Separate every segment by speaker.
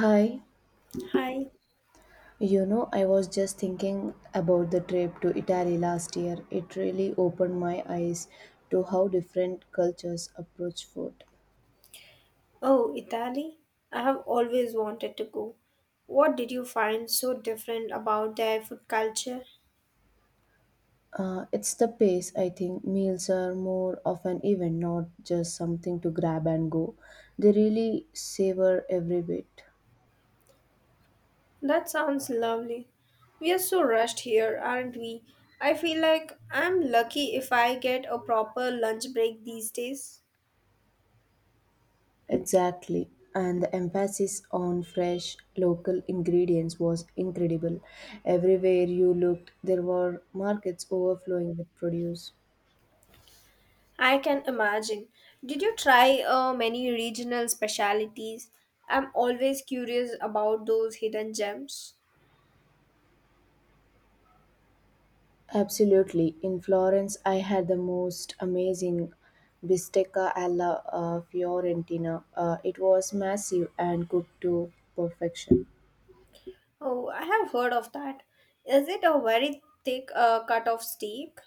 Speaker 1: Hi,
Speaker 2: Hi.
Speaker 1: I was just thinking about the trip to Italy last year. It really opened my eyes to how different cultures approach food.
Speaker 2: Oh, Italy? I have always wanted to go. What did you find so different about their food culture?
Speaker 1: It's the pace, I think. Meals are more of an event, not just something to grab and go. They really savor every bit.
Speaker 2: That sounds lovely. We are so rushed here, aren't we? I feel like I'm lucky if I get a proper lunch break these days.
Speaker 1: Exactly. And the emphasis on fresh local ingredients was incredible. Everywhere you looked, there were markets overflowing with produce.
Speaker 2: I can imagine. Did you try many regional specialities? I'm always curious about those hidden gems.
Speaker 1: Absolutely. In Florence, I had the most amazing bistecca alla Fiorentina. It was massive and cooked to perfection.
Speaker 2: Oh, I have heard of that. Is it a very thick cut of steak?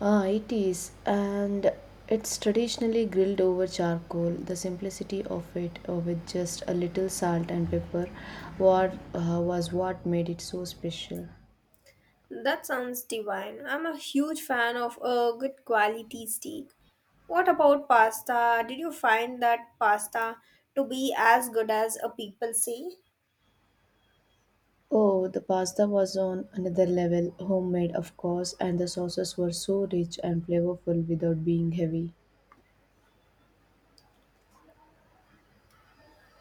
Speaker 1: Ah, it is. And it's traditionally grilled over charcoal. The simplicity of it, with just a little salt and pepper, was what made it so special.
Speaker 2: That sounds divine. I'm a huge fan of a good quality steak. What about pasta? Did you find that pasta to be as good as people say?
Speaker 1: Oh, the pasta was on another level, homemade, of course, and the sauces were so rich and flavorful without being heavy.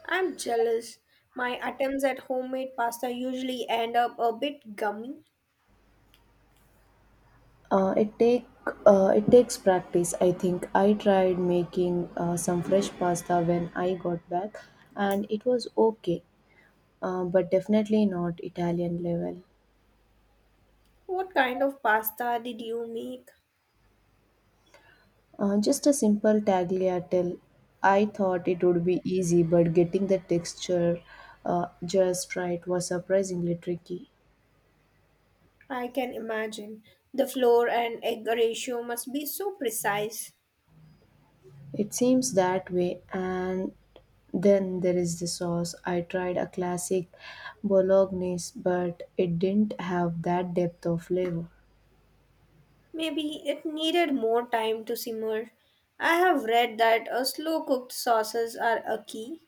Speaker 2: I'm jealous. My attempts at homemade pasta usually end up a bit gummy.
Speaker 1: Uh, it take it takes practice. I think I tried making some fresh pasta when I got back, and it was okay, but definitely not Italian level.
Speaker 2: What kind of pasta did you make?
Speaker 1: Just a simple tagliatelle. I thought it would be easy, but getting the texture just right was surprisingly tricky.
Speaker 2: I can imagine. The flour and egg ratio must be so precise.
Speaker 1: It seems that way. And then there is the sauce. I tried a classic bolognese, but it didn't have that depth of flavor.
Speaker 2: Maybe it needed more time to simmer. I have read that slow cooked sauces are a key.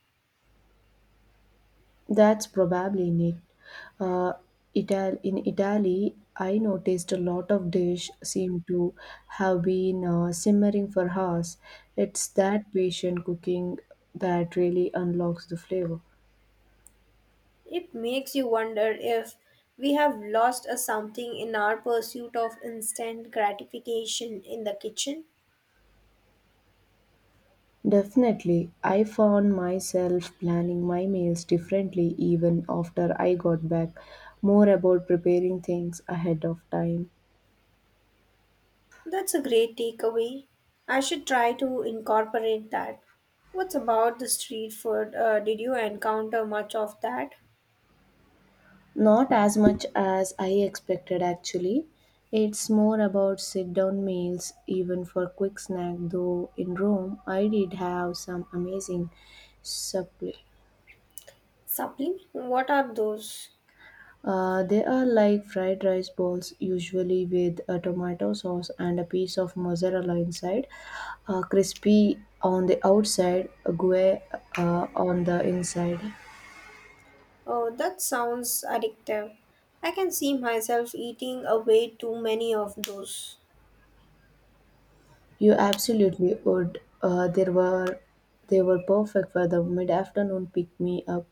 Speaker 1: That's probably it. Uh, in Italy, I noticed a lot of dish seem to have been simmering for hours. It's that patient cooking that really unlocks the flavor.
Speaker 2: It makes you wonder if we have lost a something in our pursuit of instant gratification in the kitchen.
Speaker 1: Definitely, I found myself planning my meals differently even after I got back, more about preparing things ahead of time.
Speaker 2: That's a great takeaway. I should try to incorporate that. What's about the street food? Did you encounter much of that?
Speaker 1: Not as much as I expected actually. It's more about sit down meals, even for quick snack, though in Rome I did have some amazing supply.
Speaker 2: Supply? What are those?
Speaker 1: They are like fried rice balls, usually with a tomato sauce and a piece of mozzarella inside, crispy on the outside, gooey on the inside.
Speaker 2: Oh, that sounds addictive. I can see myself eating away too many of those.
Speaker 1: You absolutely would. There were they were perfect for the mid-afternoon pick-me-up,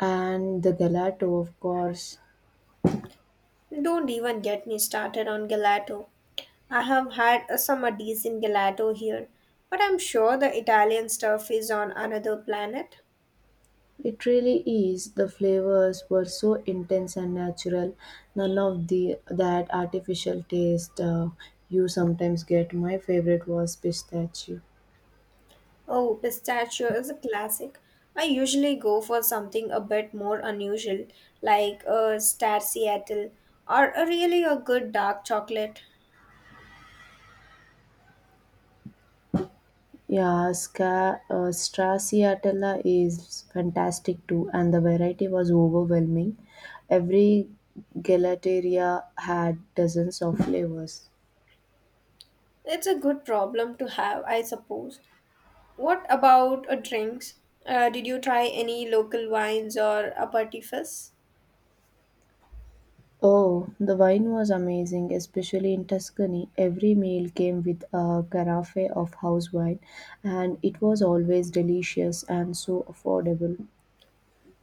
Speaker 1: and the gelato, of course.
Speaker 2: Don't even get me started on gelato. I have had a summer decent gelato here, but I'm sure the Italian stuff is on another planet.
Speaker 1: It really is. The flavors were so intense and natural. None of the that artificial taste you sometimes get. My favorite was pistachio.
Speaker 2: Oh, pistachio is a classic. I usually go for something a bit more unusual, like a Star Seattle or a really a good dark chocolate.
Speaker 1: Yeah, Stracciatella is fantastic too, and the variety was overwhelming. Every gelateria had dozens of flavors.
Speaker 2: It's a good problem to have, I suppose. What about drinks? Did you try any local wines or aperitifs?
Speaker 1: Oh, the wine was amazing, especially in Tuscany. Every meal came with a carafe of house wine, and it was always delicious and so affordable.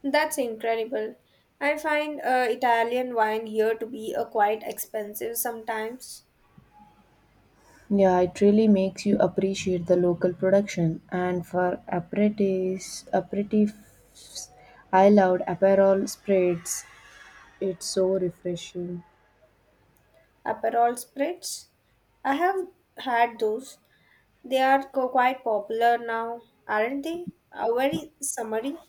Speaker 2: That's incredible. I find Italian wine here to be quite expensive sometimes.
Speaker 1: Yeah, it really makes you appreciate the local production. And for aperitifs I loved Aperol spreads. It's so refreshing.
Speaker 2: Aperol spritz? I have had those. They are quite popular now, aren't they? Very summery.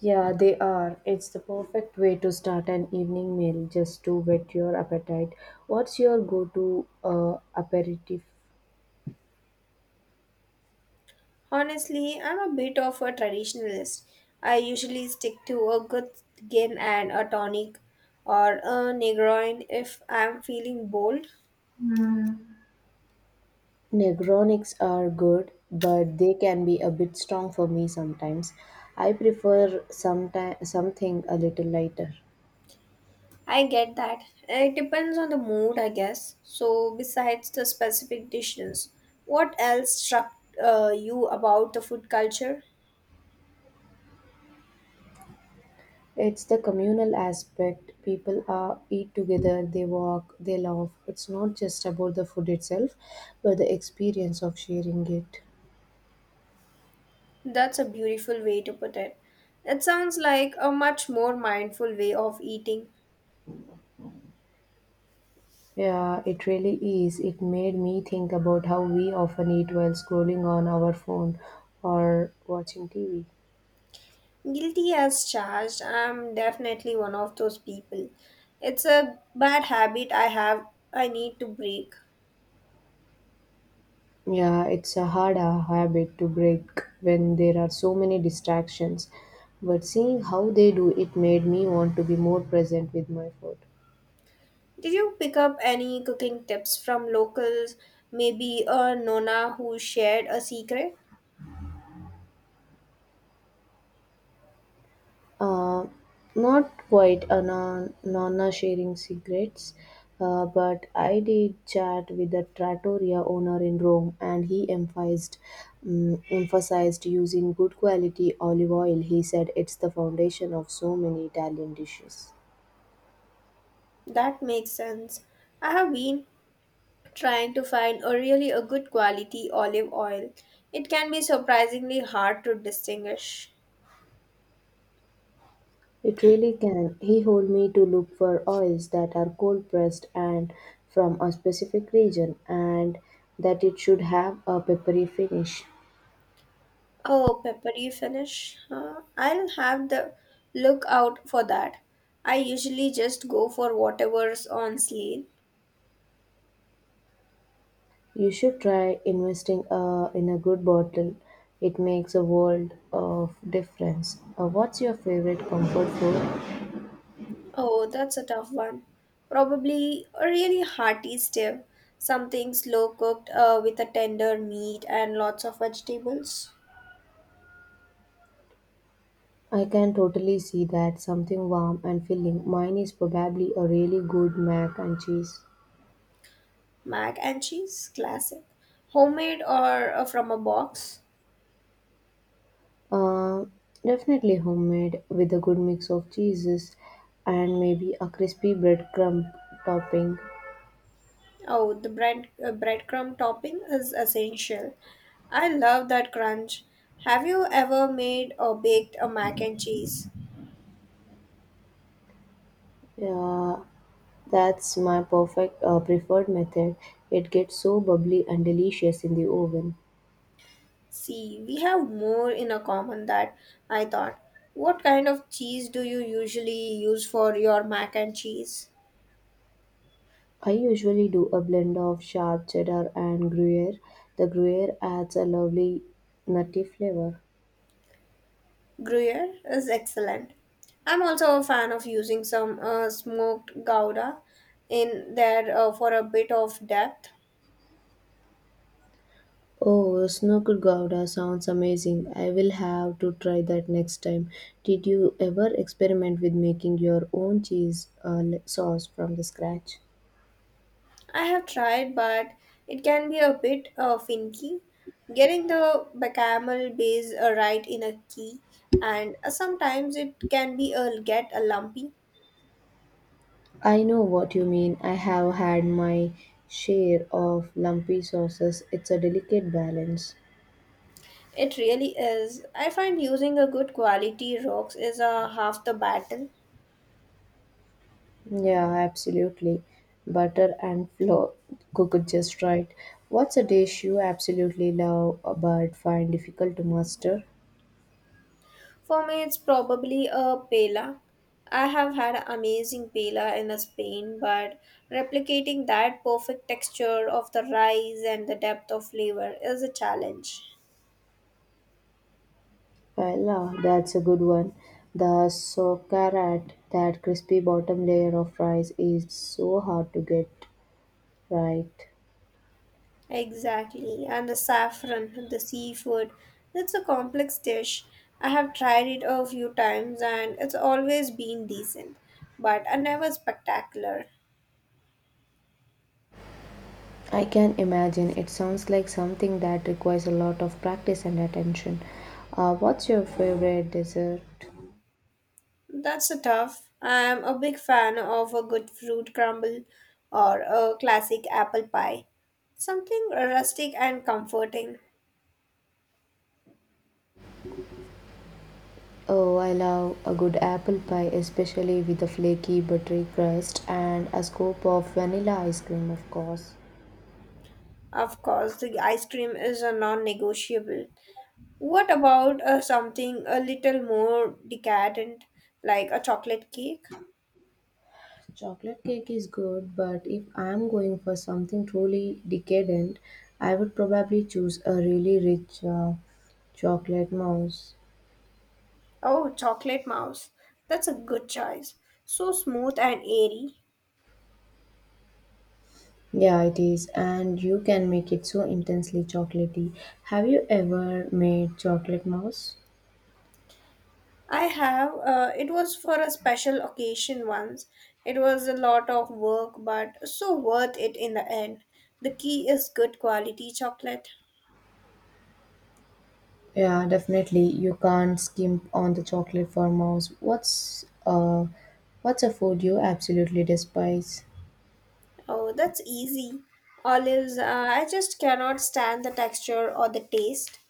Speaker 1: Yeah, they are. It's the perfect way to start an evening meal just to whet your appetite. What's your go to aperitif?
Speaker 2: Honestly, I'm a bit of a traditionalist. I usually stick to a good gin and a tonic or a Negroin if I'm feeling bold.
Speaker 1: Negronics are good, but they can be a bit strong for me sometimes. I prefer something a little lighter.
Speaker 2: I get that. It depends on the mood, I guess. So, besides the specific dishes, what else struck you about the food culture?
Speaker 1: It's the communal aspect. People are eat together, they walk, they laugh. It's not just about the food itself, but the experience of sharing it.
Speaker 2: That's a beautiful way to put it. It sounds like a much more mindful way of eating.
Speaker 1: Yeah, it really is. It made me think about how we often eat while scrolling on our phone or watching TV.
Speaker 2: Guilty as charged, I'm definitely one of those people. It's a bad habit I have, I need to break.
Speaker 1: Yeah, it's a hard habit to break when there are so many distractions. But seeing how they do it made me want to be more present with my food.
Speaker 2: Did you pick up any cooking tips from locals? Maybe a Nona who shared a secret?
Speaker 1: Uh, not quite a nonna sharing secrets, but I did chat with the trattoria owner in Rome, and he emphasized using good quality olive oil. He said it's the foundation of so many Italian dishes.
Speaker 2: That makes sense. I have been trying to find a really a good quality olive oil. It can be surprisingly hard to distinguish.
Speaker 1: It really can. He told me to look for oils that are cold pressed and from a specific region, and that it should have a peppery finish.
Speaker 2: Oh, peppery finish. Huh? I'll have the look out for that. I usually just go for whatever's on sale.
Speaker 1: You should try investing in a good bottle. It makes a world of difference. What's your favorite comfort food?
Speaker 2: Oh, that's a tough one. Probably a really hearty stew, something slow cooked with a tender meat and lots of vegetables.
Speaker 1: I can totally see that something warm and filling. Mine is probably a really good mac and cheese.
Speaker 2: Mac and cheese, classic. Homemade or from a box?
Speaker 1: Uh, definitely homemade with a good mix of cheeses and maybe a crispy breadcrumb topping.
Speaker 2: Oh, the breadcrumb topping is essential. I love that crunch. Have you ever made or baked a mac and cheese?
Speaker 1: Yeah, that's my perfect preferred method. It gets so bubbly and delicious in the oven.
Speaker 2: See, we have more in a common that I thought. What kind of cheese do you usually use for your mac and cheese?
Speaker 1: I usually do a blend of sharp cheddar and Gruyere. The Gruyere adds a lovely nutty flavor.
Speaker 2: Gruyere is excellent. I'm also a fan of using some smoked gouda in there for a bit of depth.
Speaker 1: Oh, snooker gouda sounds amazing. I will have to try that next time. Did you ever experiment with making your own cheese sauce from the scratch?
Speaker 2: I have tried, but it can be a bit finicky. Getting the bechamel base right in a key, and sometimes it can be a get a lumpy.
Speaker 1: I know what you mean. I have had my share of lumpy sauces. It's a delicate balance.
Speaker 2: It really is. I find using a good quality rocks is half the battle.
Speaker 1: Yeah, absolutely. Butter and flour cooked just right. What's a dish you absolutely love but find difficult to master?
Speaker 2: For me, it's probably a pela. I have had amazing pela in Spain, but replicating that perfect texture of the rice and the depth of flavor is a challenge.
Speaker 1: Well, ah, that's a good one. The sokarat, that crispy bottom layer of rice, is so hard to get right.
Speaker 2: Exactly, and the saffron, the seafood. It's a complex dish. I have tried it a few times and it's always been decent, but I never spectacular.
Speaker 1: I can imagine it sounds like something that requires a lot of practice and attention. What's your favorite dessert?
Speaker 2: That's a tough. I'm a big fan of a good fruit crumble or a classic apple pie. Something rustic and comforting.
Speaker 1: Oh, I love a good apple pie, especially with a flaky buttery crust and a scoop of vanilla ice cream, of course.
Speaker 2: Of course, the ice cream is a non negotiable. What about something a little more decadent, like a chocolate cake?
Speaker 1: Chocolate cake is good, but if I'm going for something truly decadent, I would probably choose a really rich chocolate mousse.
Speaker 2: Oh, Chocolate Mouse. That's a good choice. So smooth and airy.
Speaker 1: Yeah, it is, and you can make it so intensely chocolatey. Have you ever made chocolate mousse?
Speaker 2: I have, it was for a special occasion once. It was a lot of work, but so worth it in the end. The key is good quality chocolate.
Speaker 1: Yeah, definitely. You can't skimp on the chocolate for mouse. What's a food you absolutely despise?
Speaker 2: Oh, that's easy. Olives, I just cannot stand the texture or the taste.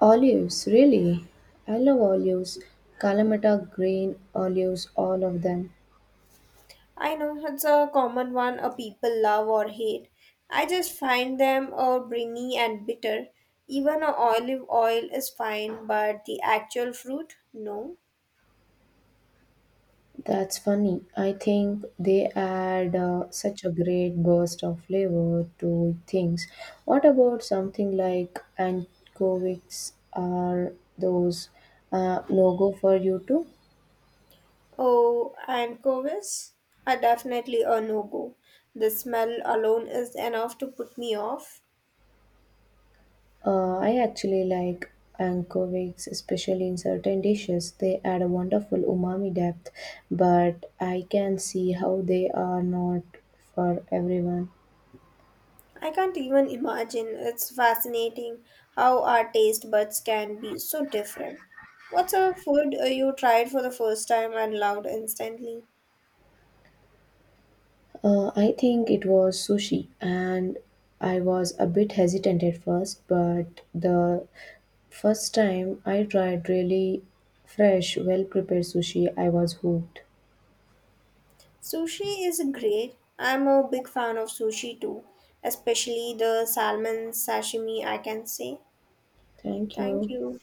Speaker 1: Olives, really? I love olives. Kalamata green olives, all of them.
Speaker 2: I know it's a common one a people love or hate. I just find them briny and bitter. Even a olive oil is fine, but the actual fruit, no.
Speaker 1: That's funny. I think they add such a great burst of flavor to things. What about something like anchovies? Are those no go for you too?
Speaker 2: Oh, and anchovies are definitely a no-go. The smell alone is enough to put me off.
Speaker 1: I actually like anchovies, especially in certain dishes. They add a wonderful umami depth, but I can see how they are not for everyone.
Speaker 2: I can't even imagine. It's fascinating how our taste buds can be so different. What's a food you tried for the first time and loved instantly?
Speaker 1: I think it was sushi, and I was a bit hesitant at first, but the first time I tried really fresh, well prepared sushi, I was hooked.
Speaker 2: Sushi is great. I'm a big fan of sushi too, especially the salmon sashimi, I can say.
Speaker 1: Thank
Speaker 2: Thank
Speaker 1: you.
Speaker 2: you.